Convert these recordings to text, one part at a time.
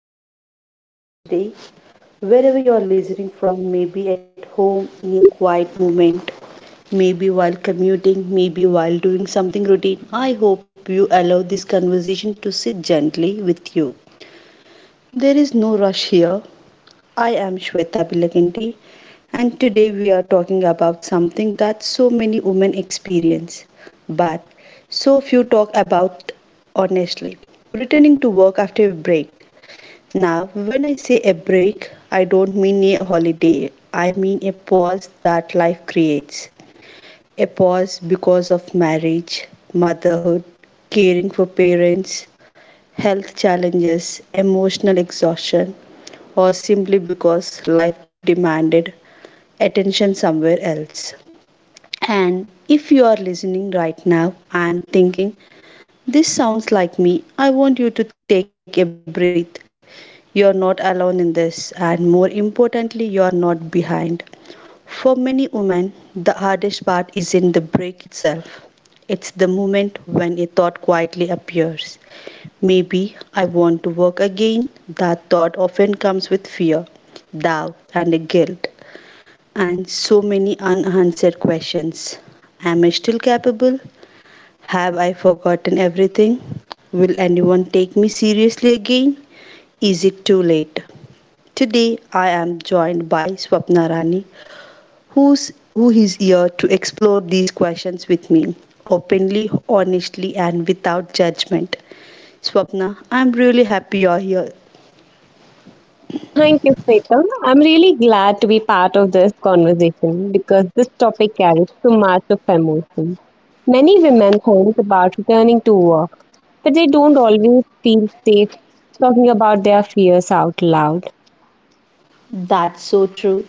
really glad you are here today. Wherever you are listening from, maybe at home in a quiet moment, maybe while commuting, maybe while doing something routine, I hope you allow this conversation to sit gently with you. There is no rush here. I am Shweta Bilakanti and today we are talking about something that so many women experience, but so few talk about honestly. Returning to work after a break now, when I say a break, I don't mean a holiday. I mean a pause that life creates. A pause because of marriage, motherhood, caring for parents, health challenges, emotional exhaustion, or simply because life demanded attention somewhere else. And if you are listening right now and thinking, this sounds like me. I want you to take a breath. You're not alone in this, and more importantly, you're not behind. For many women, the hardest part isn't the break itself, it's the moment when a thought quietly appears. Maybe I want to work again. That thought often comes with fear, doubt, and guilt, and so many unanswered questions. Am I still capable? Have I forgotten everything? Will anyone take me seriously again? Is it too late? Today I am joined by Swapna Rani, who is here to explore these questions with me openly, honestly, and without judgment. Swapna, I'm really happy you're here. Thank you, Sweta. I'm really glad to be part of this conversation because this topic carries so much of emotion. Many women think about returning to work, but they don't always feel safe talking about their fears out loud. That's so true.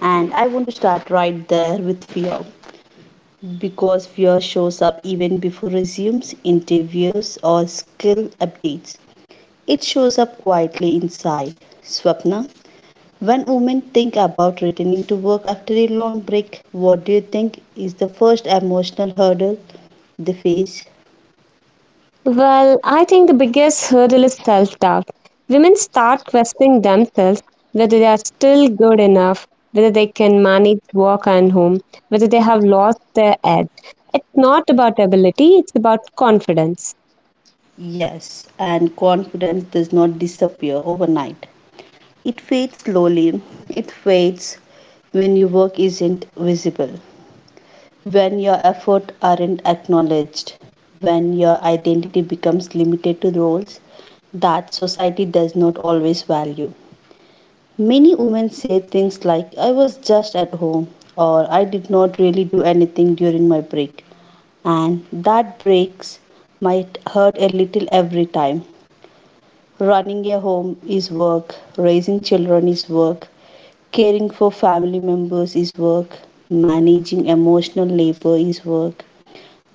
And I want to start right there with fear because fear shows up even before resumes, interviews, or skill updates. It shows up quietly inside. Swapna, when women think about returning to work after a long break, what do you think is the first emotional hurdle they face? Well, I think the biggest hurdle is self doubt. Women start questioning themselves whether they are still good enough, whether they can manage work and home, whether they have lost their edge. It's not about ability, it's about confidence. Yes, and confidence does not disappear overnight. It fades slowly. It fades when your work isn't visible, when your efforts aren't acknowledged, when your identity becomes limited to roles that society does not always value. Many women say things like, I was just at home, or I did not really do anything during my break. And that breaks might hurt a little every time. Running a home is work, raising children is work, caring for family members is work, managing emotional labor is work.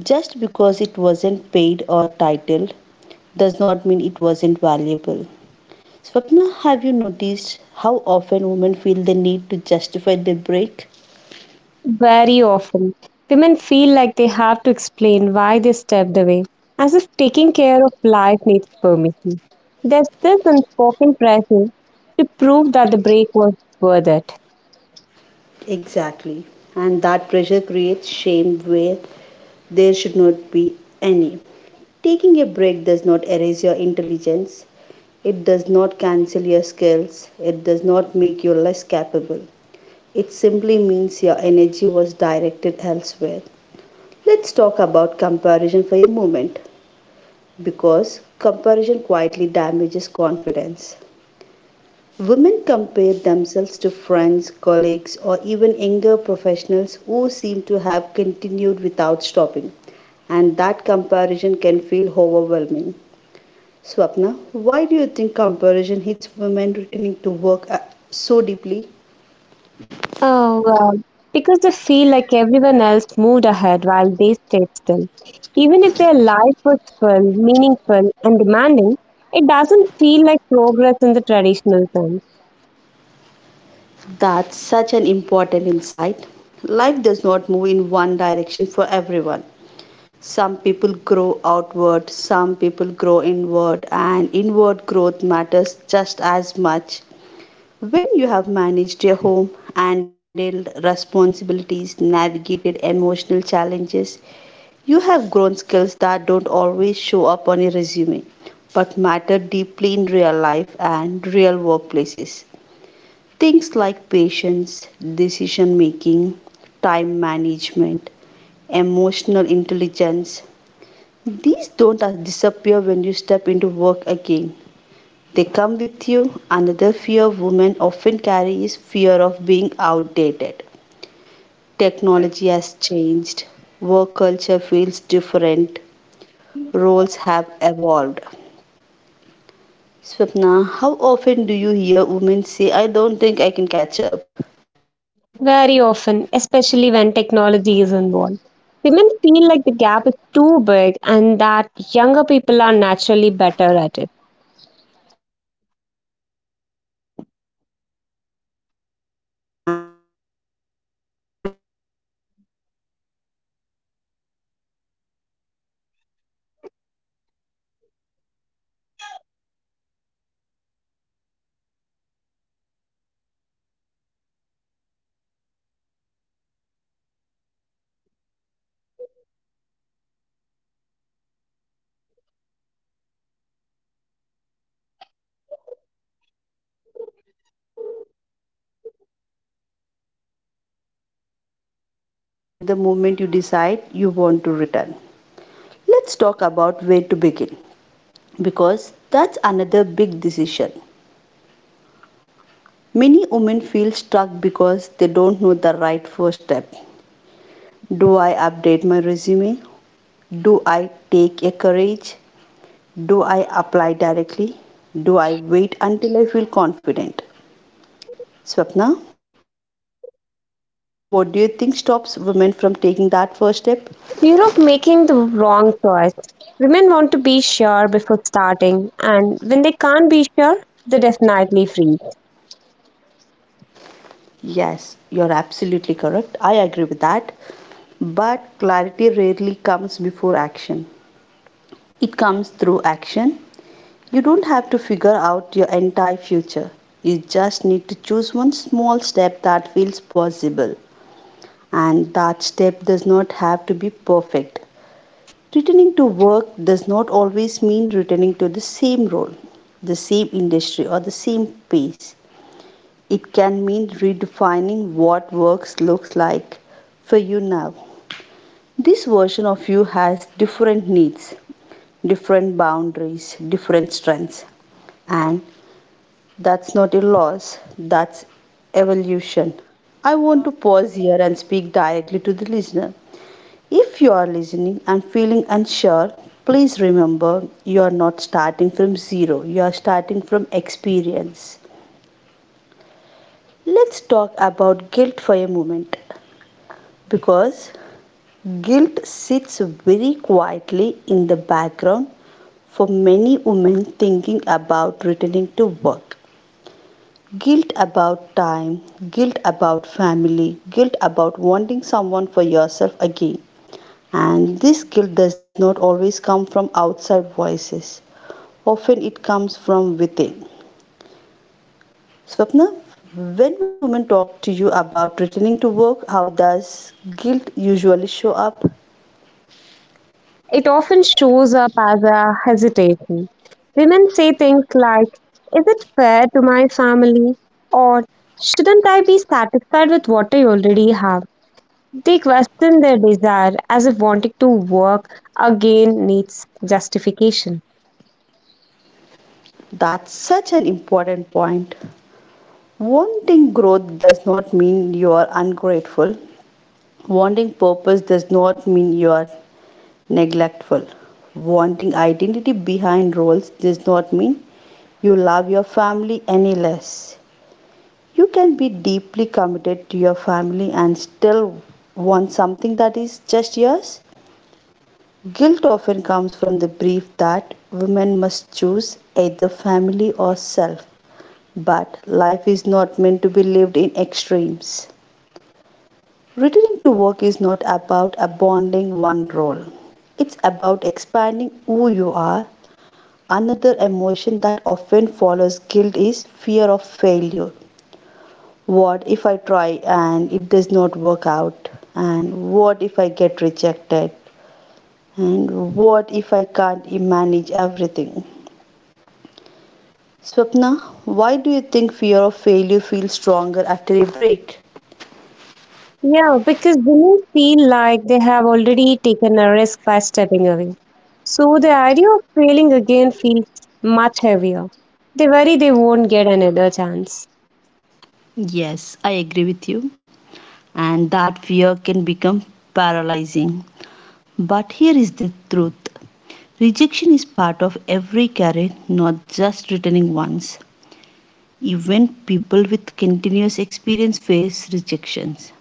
Just because it wasn't paid or titled does not mean it wasn't valuable. Swapna, have you noticed how often women feel the need to justify their break? Very often, women feel like they have to explain why they stepped away, as if taking care of life needs permission. There's this unspoken pressure to prove that the break was worth it. Exactly. And that pressure creates shame where there should not be any. Taking a break does not erase your intelligence, it does not cancel your skills, it does not make you less capable. It simply means your energy was directed elsewhere. Let's talk about comparison for a moment because comparison quietly damages confidence. Women compare themselves to friends, colleagues, or even younger professionals who seem to have continued without stopping, and that comparison can feel overwhelming. Swapna, why do you think comparison hits women returning to work so deeply? Oh, wow. Because they feel like everyone else moved ahead while they stayed still. Even if their life was full, meaningful, and demanding, it doesn't feel like progress in the traditional sense. That's such an important insight. Life does not move in one direction for everyone. Some people grow outward, some people grow inward, and inward growth matters just as much. When you have managed your home, handled responsibilities, navigated emotional challenges, you have grown skills that don't always show up on your resume but matter deeply in real life and real workplaces. Things like patience, decision making, time management, emotional intelligence, these don't disappear when you step into work again. They come with you. Another fear women often carry is fear of being outdated. Technology has changed, work culture feels different, roles have evolved. Swapna, how often do you hear women say, I don't think I can catch up? Very often, especially when technology is involved, women feel like the gap is too big and that younger people are naturally better at it. And that belief is so unfair to yourself. Every working professional, no matter how continuous their career has been, has to keep learning. No one stays updated automatically. Learning again does not mean you're behind, it means you're alive, adaptable, and willing. What makes returning harder isn't the change, it's the belief that change means you don't belong anymore. And I want to say this clearly, you belong the moment you decide you want to return. Let's talk about where to begin because that's another big decision. Many women feel stuck because they don't know the right first step. Do I update my resume? Do I take a courage? Do I apply directly? Do I wait until I feel confident? Swapna, what do you think stops women from taking that first step? Fear of making the wrong choice. Women want to be sure before starting, and when they can't be sure, they definitely freeze. Yes, you're absolutely correct. I agree with that. But clarity rarely comes before action. It comes through action. You don't have to figure out your entire future. You just need to choose one small step that feels possible. And that step does not have to be perfect. Returning to work does not always mean returning to the same role, the same industry, or the same pace. It can mean redefining what work looks like for you now. This version of you has different needs, different boundaries, different strengths, and that's not a loss, that's evolution. I want to pause here and speak directly to the listener. If you are listening and feeling unsure, please remember you are not starting from zero, you are starting from experience. Let's talk about guilt for a moment because guilt sits very quietly in the background for many women thinking about returning to work. Guilt about time, guilt about family, guilt about wanting someone for yourself again. And this guilt does not always come from outside voices, often it comes from within. Swapna, when women talk to you about returning to work, how does guilt usually show up? It often shows up as a hesitation. Women say things like, is it fair to my family? Or shouldn't I be satisfied with what I already have? They question their desire as if wanting to work again needs justification. That's such an important point. Wanting growth does not mean you are ungrateful. Wanting purpose does not mean you are neglectful. Wanting identity behind roles does not mean you love your family any less. You can be deeply committed to your family and still want something that is just yours. Guilt often comes from the belief that women must choose either family or self. But life is not meant to be lived in extremes. Returning to work is not about abandoning one role. It's about expanding who you are. Another emotion that often follows guilt is fear of failure. What if I try and it does not work out? And what if I get rejected? And what if I can't manage everything? Swapna, why do you think fear of failure feels stronger after a break? Yeah, because women feel like they have already taken a risk by stepping away. So the idea of failing again feels much heavier. They worry they won't get another chance. Yes, I agree with you. And that fear can become paralyzing. But here is the truth, rejection is part of every career, not just returning ones. Even people with continuous experience face rejections.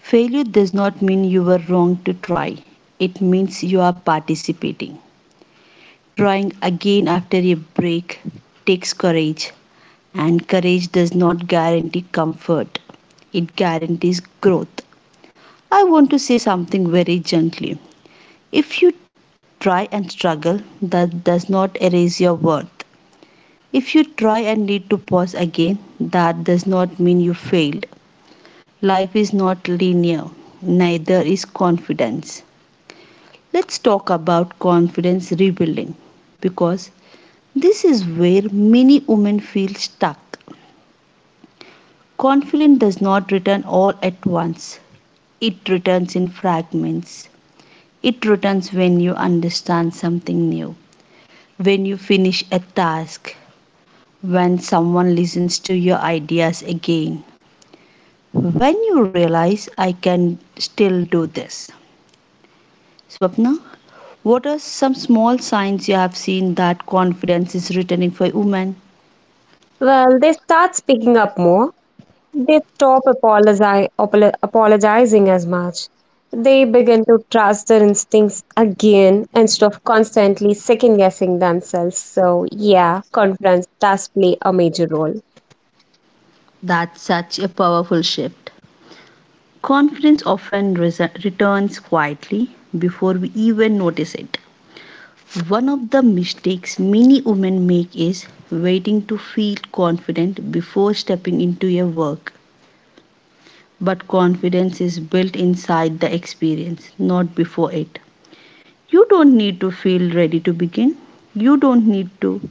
Failure does not mean you were wrong to try, it means you are participating. Trying again after a break takes courage, and courage does not guarantee comfort, it guarantees growth. I want to say something very gently. If you try and struggle, that does not erase your worth. If you try and need to pause again, that does not mean you failed. Life is not linear, neither is confidence. Let's talk about confidence rebuilding because this is where many women feel stuck. Confidence does not return all at once, it returns in fragments. It returns when you understand something new, when you finish a task, when someone listens to your ideas again. When you realize I can still do this. Swapna, what are some small signs you have seen that confidence is returning for women? Well, they start speaking up more. They stop apologizing as much. They begin to trust their instincts again instead of constantly second guessing themselves. So, yeah, confidence does play a major role. That's such a powerful shift. Confidence often returns quietly before we even notice it. One of the mistakes many women make is waiting to feel confident before stepping into a work. But confidence is built inside the experience, not before it. You don't need to feel ready to begin. You don't need to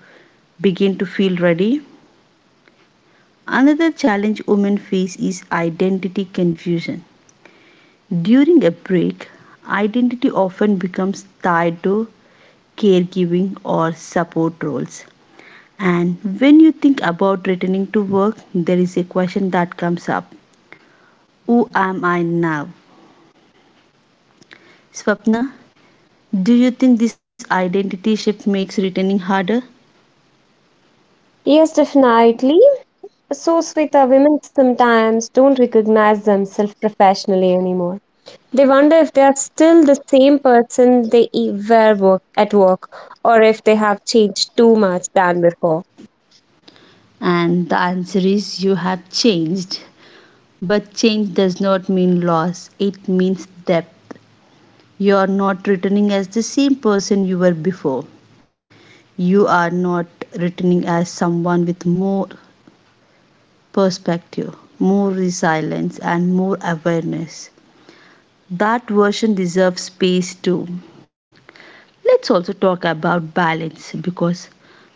begin to feel ready. Another challenge women face is identity confusion. During a break, identity often becomes tied to caregiving or support roles. And when you think about returning to work, there is a question that comes up, who am I now? Swapna, do you think this identity shift makes returning harder? Yes, definitely. So, Sweta, women sometimes don't recognize themselves professionally anymore. They wonder if they are still the same person they were at work, or if they have changed too much than before. And the answer is you have changed. But change does not mean loss, it means depth. You are not returning as the same person you were before. You are not returning as someone with more perspective, more resilience, and more awareness. That version deserves space too. Let's also talk about balance because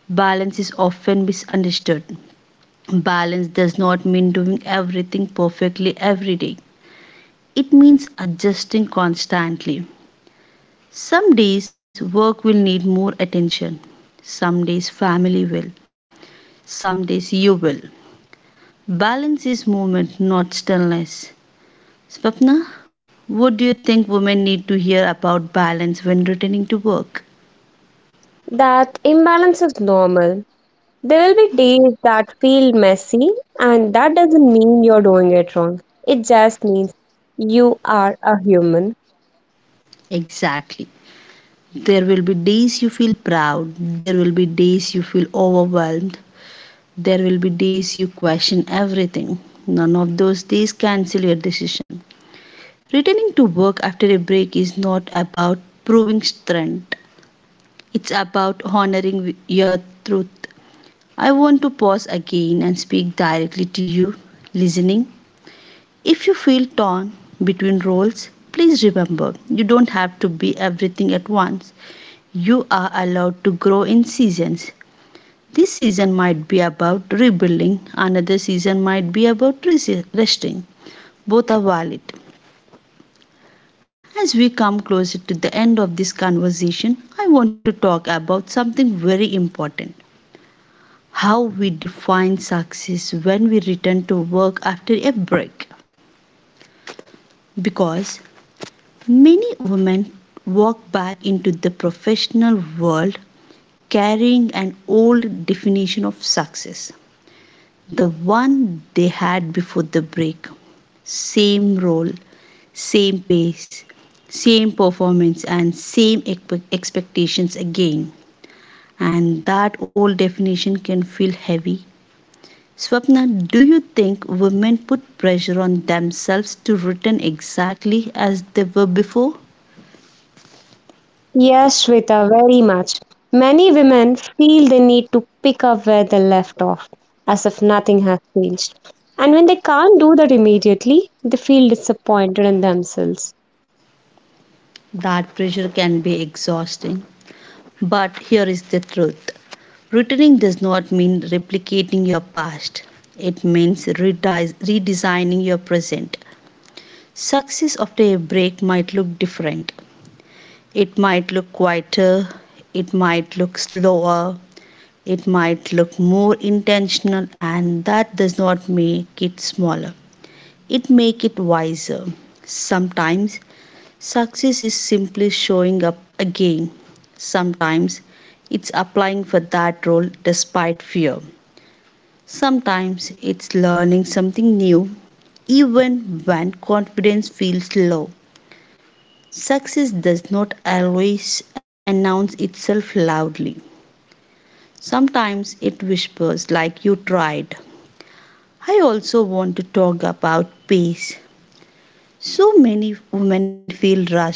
balance is often misunderstood. Balance does not mean doing everything perfectly every day. It means adjusting constantly. Some days work will need more attention. Some days family will. Some days you will. Balance is movement, not stillness. Swapna, what do you think women need to hear about balance when returning to work? That imbalance is normal. There will be days that feel messy, and that doesn't mean you're doing it wrong. It just means you are a human. Exactly. There will be days you feel proud, there will be days you feel overwhelmed, there will be days you question everything. None of those days cancel your decision. Returning to work after a break is not about proving strength, it's about honoring your truth. I want to pause again and speak directly to you, listening. If you feel torn between roles, please remember you don't have to be everything at once. You are allowed to grow in seasons. This season might be about rebuilding, another season might be about resting. Both are valid. As we come closer to the end of this conversation, I want to talk about something very important: how we define success when we return to work after a break. Because many women walk back into the professional world carrying an old definition of success, the one they had before the break. Same role, same pace, same performance, and same expectations again. And that old definition can feel heavy. Swapna, do you think women put pressure on themselves to return exactly as they were before? Yes, Shweta, very much. Many women feel they need to pick up where they left off, as if nothing has changed. And when they can't do that immediately, they feel disappointed in themselves. That pressure can be exhausting. But here is the truth: returning does not mean replicating your past, it means redesigning your present. Success after a break might look different. It might look quieter, it might look slower, it might look more intentional, and that does not make it smaller. It makes it wiser. Sometimes success is simply showing up again. Sometimes it's applying for that role despite fear. Sometimes it's learning something new even when confidence feels low. Success does not always announce itself loudly. Sometimes it whispers like you tried. I also want to talk about pace. So many women feel rushed,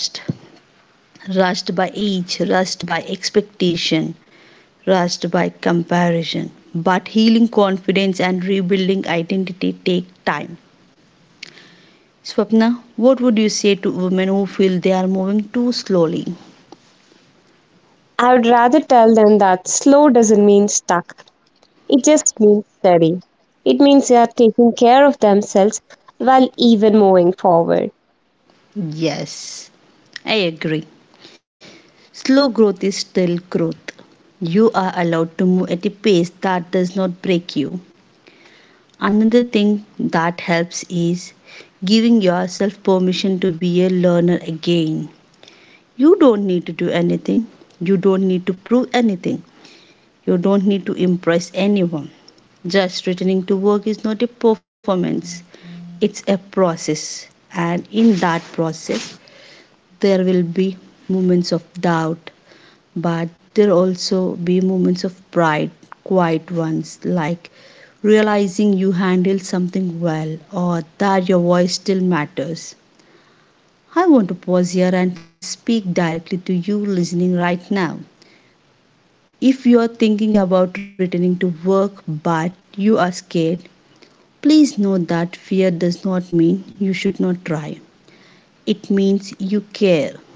rushed by age, rushed by expectation, rushed by comparison. But healing confidence and rebuilding identity take time. Swapna, what would you say to women who feel they are moving too slowly? I would rather tell them that slow doesn't mean stuck, it just means steady. It means they are taking care of themselves while even moving forward. Yes, I agree. Slow growth is still growth. You are allowed to move at a pace that does not break you. Another thing that helps is giving yourself permission to be a learner again. You don't need to do anything, you don't need to prove anything. You don't need to impress anyone. Just returning to work is not a performance, it's a process. And in that process, there will be moments of doubt, but there also be moments of pride, quiet ones, like realizing you handled something well or that your voice still matters. I want to pause here and speak directly to you listening right now. If you are thinking about returning to work but you are scared, please know that fear does not mean you should not try. It means you care.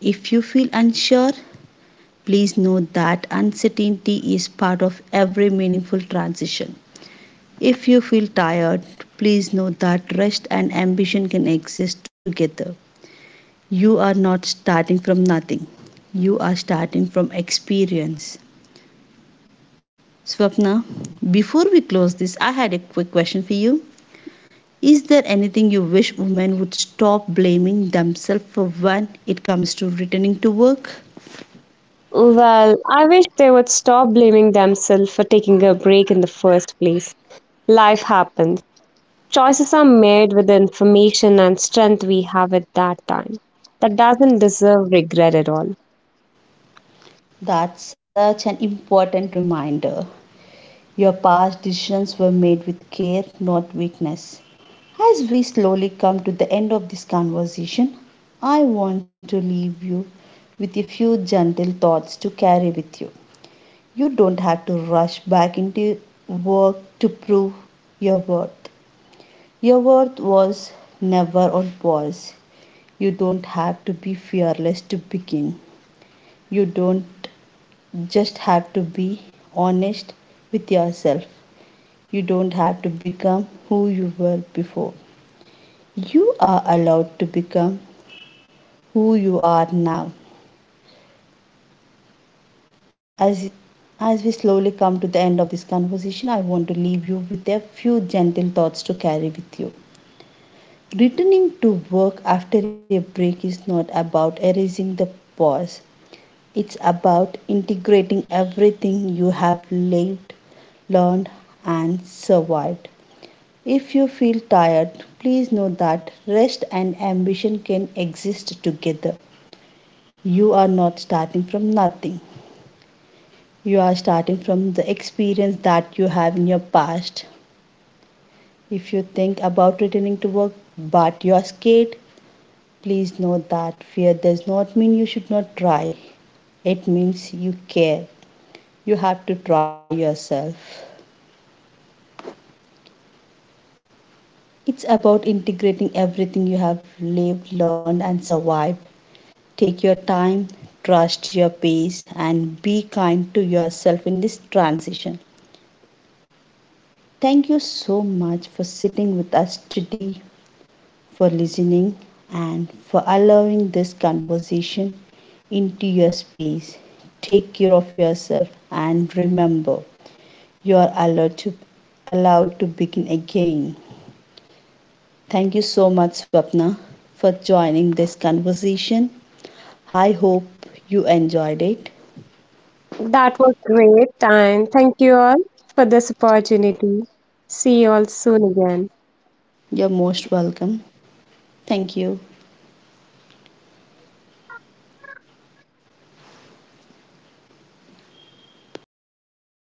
If you feel unsure, please know that uncertainty is part of every meaningful transition. If you feel tired, please know that rest and ambition can exist together. You are not starting from nothing, you are starting from experience. Swapna, before we close this, I had a quick question for you. Is there anything you wish women would stop blaming themselves for when it comes to returning to work? Well, I wish they would stop blaming themselves for taking a break in the first place. Life happens. Choices are made with the information and strength we have at that time. That doesn't deserve regret at all. That's such an important reminder. Your past decisions were made with care, not weakness. As we slowly come to the end of this conversation, I want to leave you with a few gentle thoughts to carry with you. You don't have to rush back into work to prove your worth. Your worth was never on pause. You don't have to be fearless to begin. You don't just have to be honest with yourself. You don't have to become who you were before. You are allowed to become who you are now. As as we slowly come to the end of this conversation, I want to leave you with a few gentle thoughts to carry with you. Returning to work after a break is not about erasing the past. It's about integrating everything you have lived, learned, and survived. If you feel tired, please know that rest and ambition can exist together. You are not starting from nothing. You are starting from the experience that you have in your past. If you think about returning to work but you are scared, please note that fear does not mean you should not try. It means you care. You have to try yourself. It's about integrating everything you have lived, learned, and survived. Take your time, trust your pace, and be kind to yourself in this transition. Thank you so much for sitting with us today, for listening, and for allowing this conversation into your space. Take care of yourself and remember you are allowed to begin again. Thank you so much, Swapna, for joining this conversation. I hope you enjoyed it. That was great, and thank you all for this opportunity. See you all soon again. You're most welcome. Thank you.